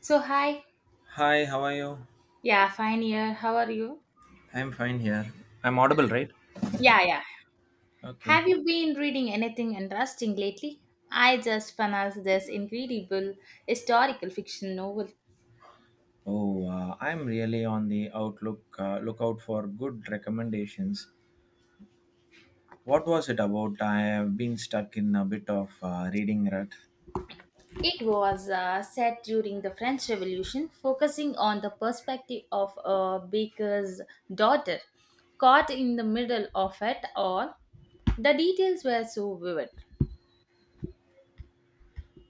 So, hi. Hi, how are you? Yeah, fine here. How are you? I'm fine here. I'm audible, right? Yeah, yeah. Okay. Have you been reading anything interesting lately? I just finished this incredible historical fiction novel. Oh, I'm really on the outlook lookout for good recommendations. What was it about? I have been stuck in a bit of reading rut. It was set during the French Revolution, focusing on the perspective of a baker's daughter caught in the middle of it all. The details were so vivid.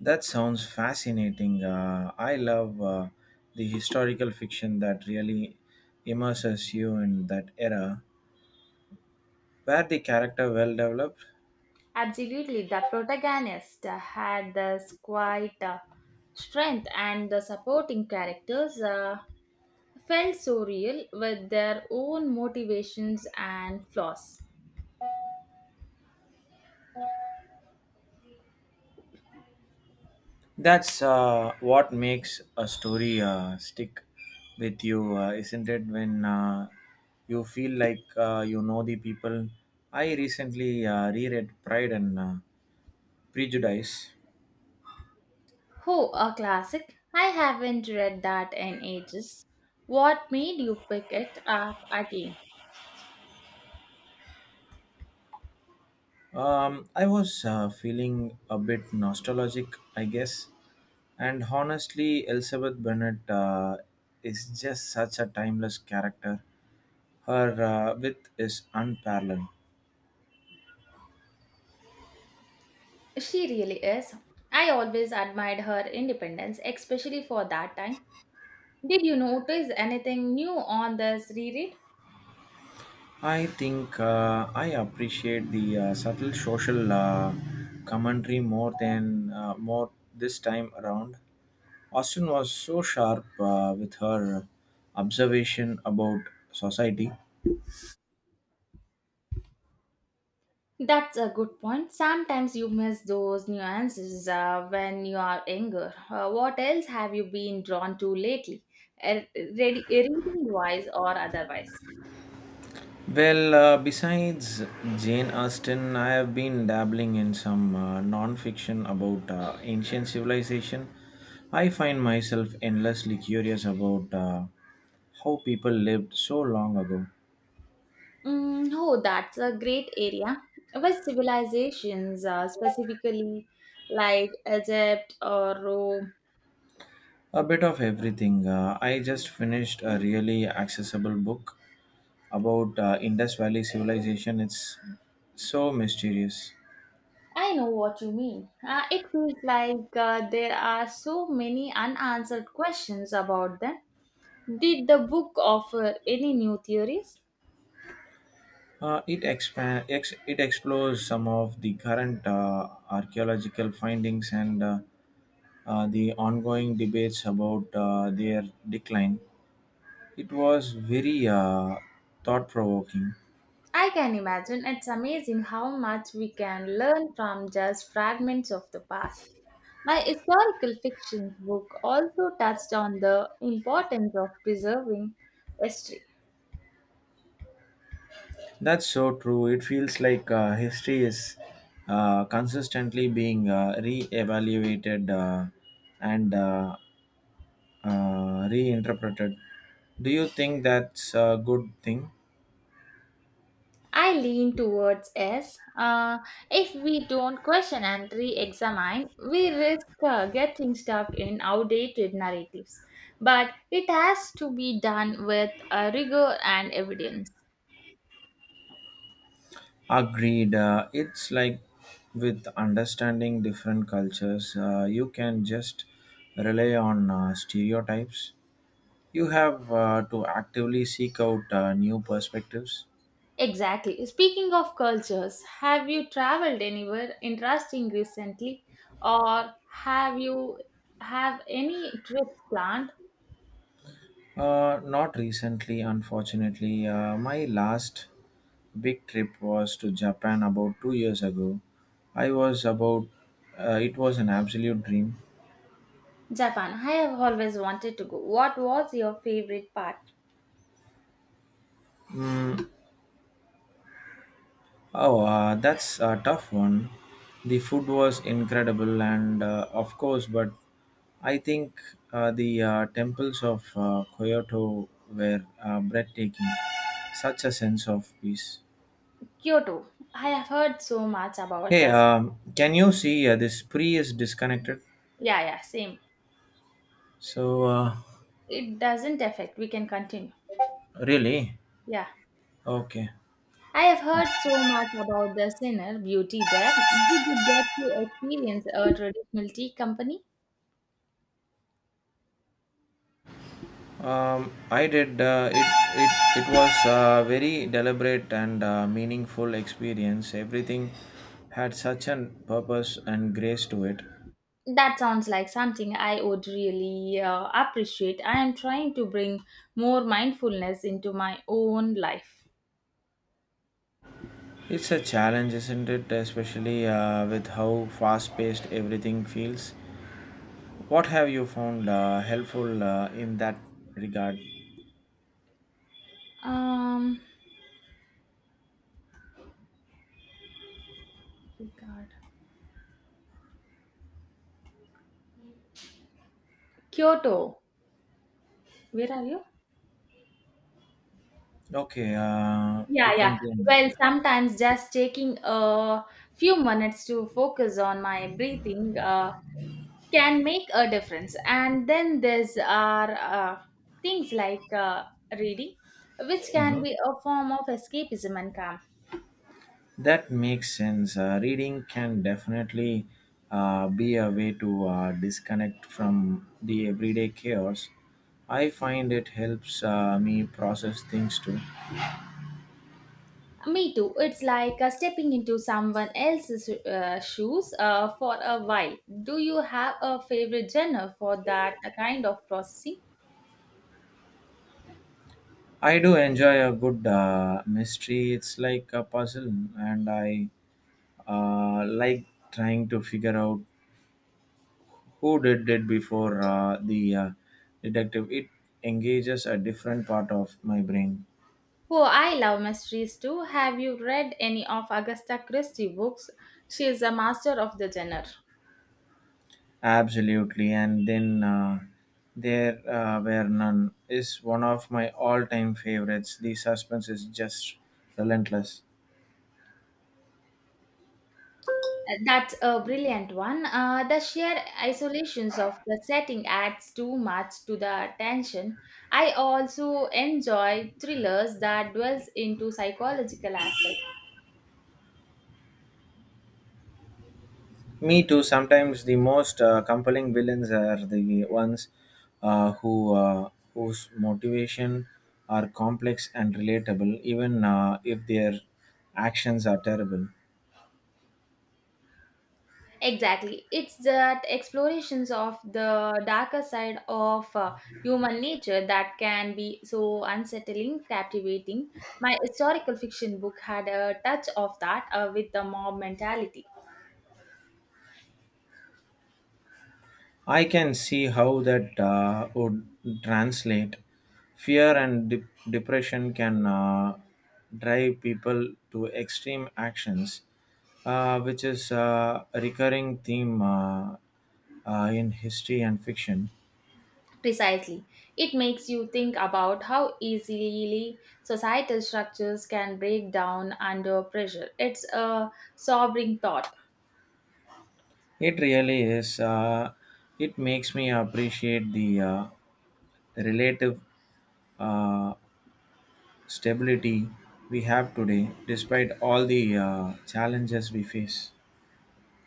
That sounds fascinating. I love the historical fiction that really immerses you in that era. Were the character well developed? Absolutely, the protagonist had this quiet strength, and the supporting characters felt so real with their own motivations and flaws. That's what makes a story stick with you, isn't it? When you feel like you know the people. I recently reread Pride and Prejudice. Oh, a classic! I haven't read that in ages. What made you pick it up again? I was feeling a bit nostalgic, I guess. And honestly, Elizabeth Bennet is just such a timeless character. Her width is unparalleled. She really is. I always admired her independence, especially for that time. Did you notice anything new on this reread? I think I appreciate the subtle social commentary more this time around. Austin was so sharp with her observation about society. That's a good point. Sometimes you miss those nuances when you are younger. What else have you been drawn to lately, Er- reading wise or otherwise? Well, besides Jane Austen, I have been dabbling in some non-fiction about ancient civilization. I find myself endlessly curious about how people lived so long ago. Mm, oh, that's a great area. West civilizations, specifically like Egypt or Rome. A bit of everything. I just finished a really accessible book about Indus Valley civilization. It's so mysterious. I know what you mean. It feels like there are so many unanswered questions about them. Did the book offer any new theories? It explores some of the current archaeological findings and the ongoing debates about their decline. It was very thought provoking. I can imagine it's amazing how much we can learn from just fragments of the past. My historical fiction book also touched on the importance of preserving history. That's so true. It feels like history is consistently being re-evaluated and reinterpreted. Do you think that's a good thing? I lean towards S. If we don't question and re examine, we risk getting stuck in outdated narratives. But it has to be done with rigor and evidence. Agreed. It's like with understanding different cultures, you can just rely on stereotypes. You have to actively seek out new perspectives. Exactly. Speaking of cultures, have you traveled anywhere interesting recently or have any trips planned? Not recently, unfortunately. My last big trip was to Japan about 2 years ago. I was about, it was an absolute dream. Japan. I have always wanted to go. What was your favorite part? Mm, oh, that's a tough one. The food was incredible, and of course, but I think the temples of Kyoto were breathtaking. Such a sense of peace. Kyoto. I have heard so much about Hey, this. um, can you see this pre is disconnected? Yeah, yeah, same. So, uh, It doesn't affect. We can continue. Really? Yeah. Okay. I have heard so much about the inner beauty there. Did you get to experience a traditional tea company? I did. It was a very deliberate and meaningful experience. Everything had such a purpose and grace to it. That sounds like something I would really appreciate. I am trying to bring more mindfulness into my own life. It's a challenge, isn't it? Especially with how fast paced everything feels. What have you found helpful in that regard? Um, oh God, Kyoto. Where are you? Okay, you Yeah, can yeah. begin. Well, sometimes just taking a few minutes to focus on my breathing can make a difference. And then there's are things like reading, which can be a form of escapism and calm. That makes sense. Reading can definitely be a way to disconnect from the everyday chaos. I find it helps me process things too. Me too. It's like stepping into someone else's shoes for a while. Do you have a favorite genre for that kind of processing? I do enjoy a good mystery. It's like a puzzle, and I like trying to figure out who did it before the detective. It engages a different part of my brain. Oh, I love mysteries too. Have you read any of Agatha Christie books? She is a master of the genre. Absolutely, and then there were none is one of my all-time favorites. The suspense is just relentless. That's a brilliant one. The sheer isolations of the setting adds too much to the tension. I also enjoy thrillers that dwells into psychological aspects. Me too. Sometimes the most compelling villains are the ones uh, who uh, whose motivation are complex and relatable, even if their actions are terrible. Exactly. It's that explorations of the darker side of human nature that can be so unsettling, captivating. My historical fiction book had a touch of that with the mob mentality. I can see how that would translate. Fear and de- Depression can drive people to extreme actions, which is a recurring theme in history and fiction. Precisely. It makes you think about how easily societal structures can break down under pressure. It's a sobering thought. It really is. It makes me appreciate the relative uh, stability we have today, despite all the challenges we face.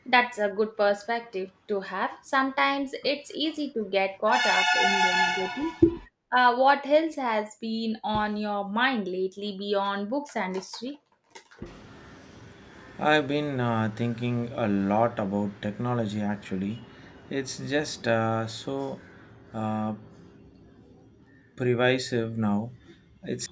That's a good perspective to have. Sometimes it's easy to get caught up in the negative. What else has been on your mind lately beyond books and history? I've been thinking a lot about technology actually. It's just so uh, pervasive now. It's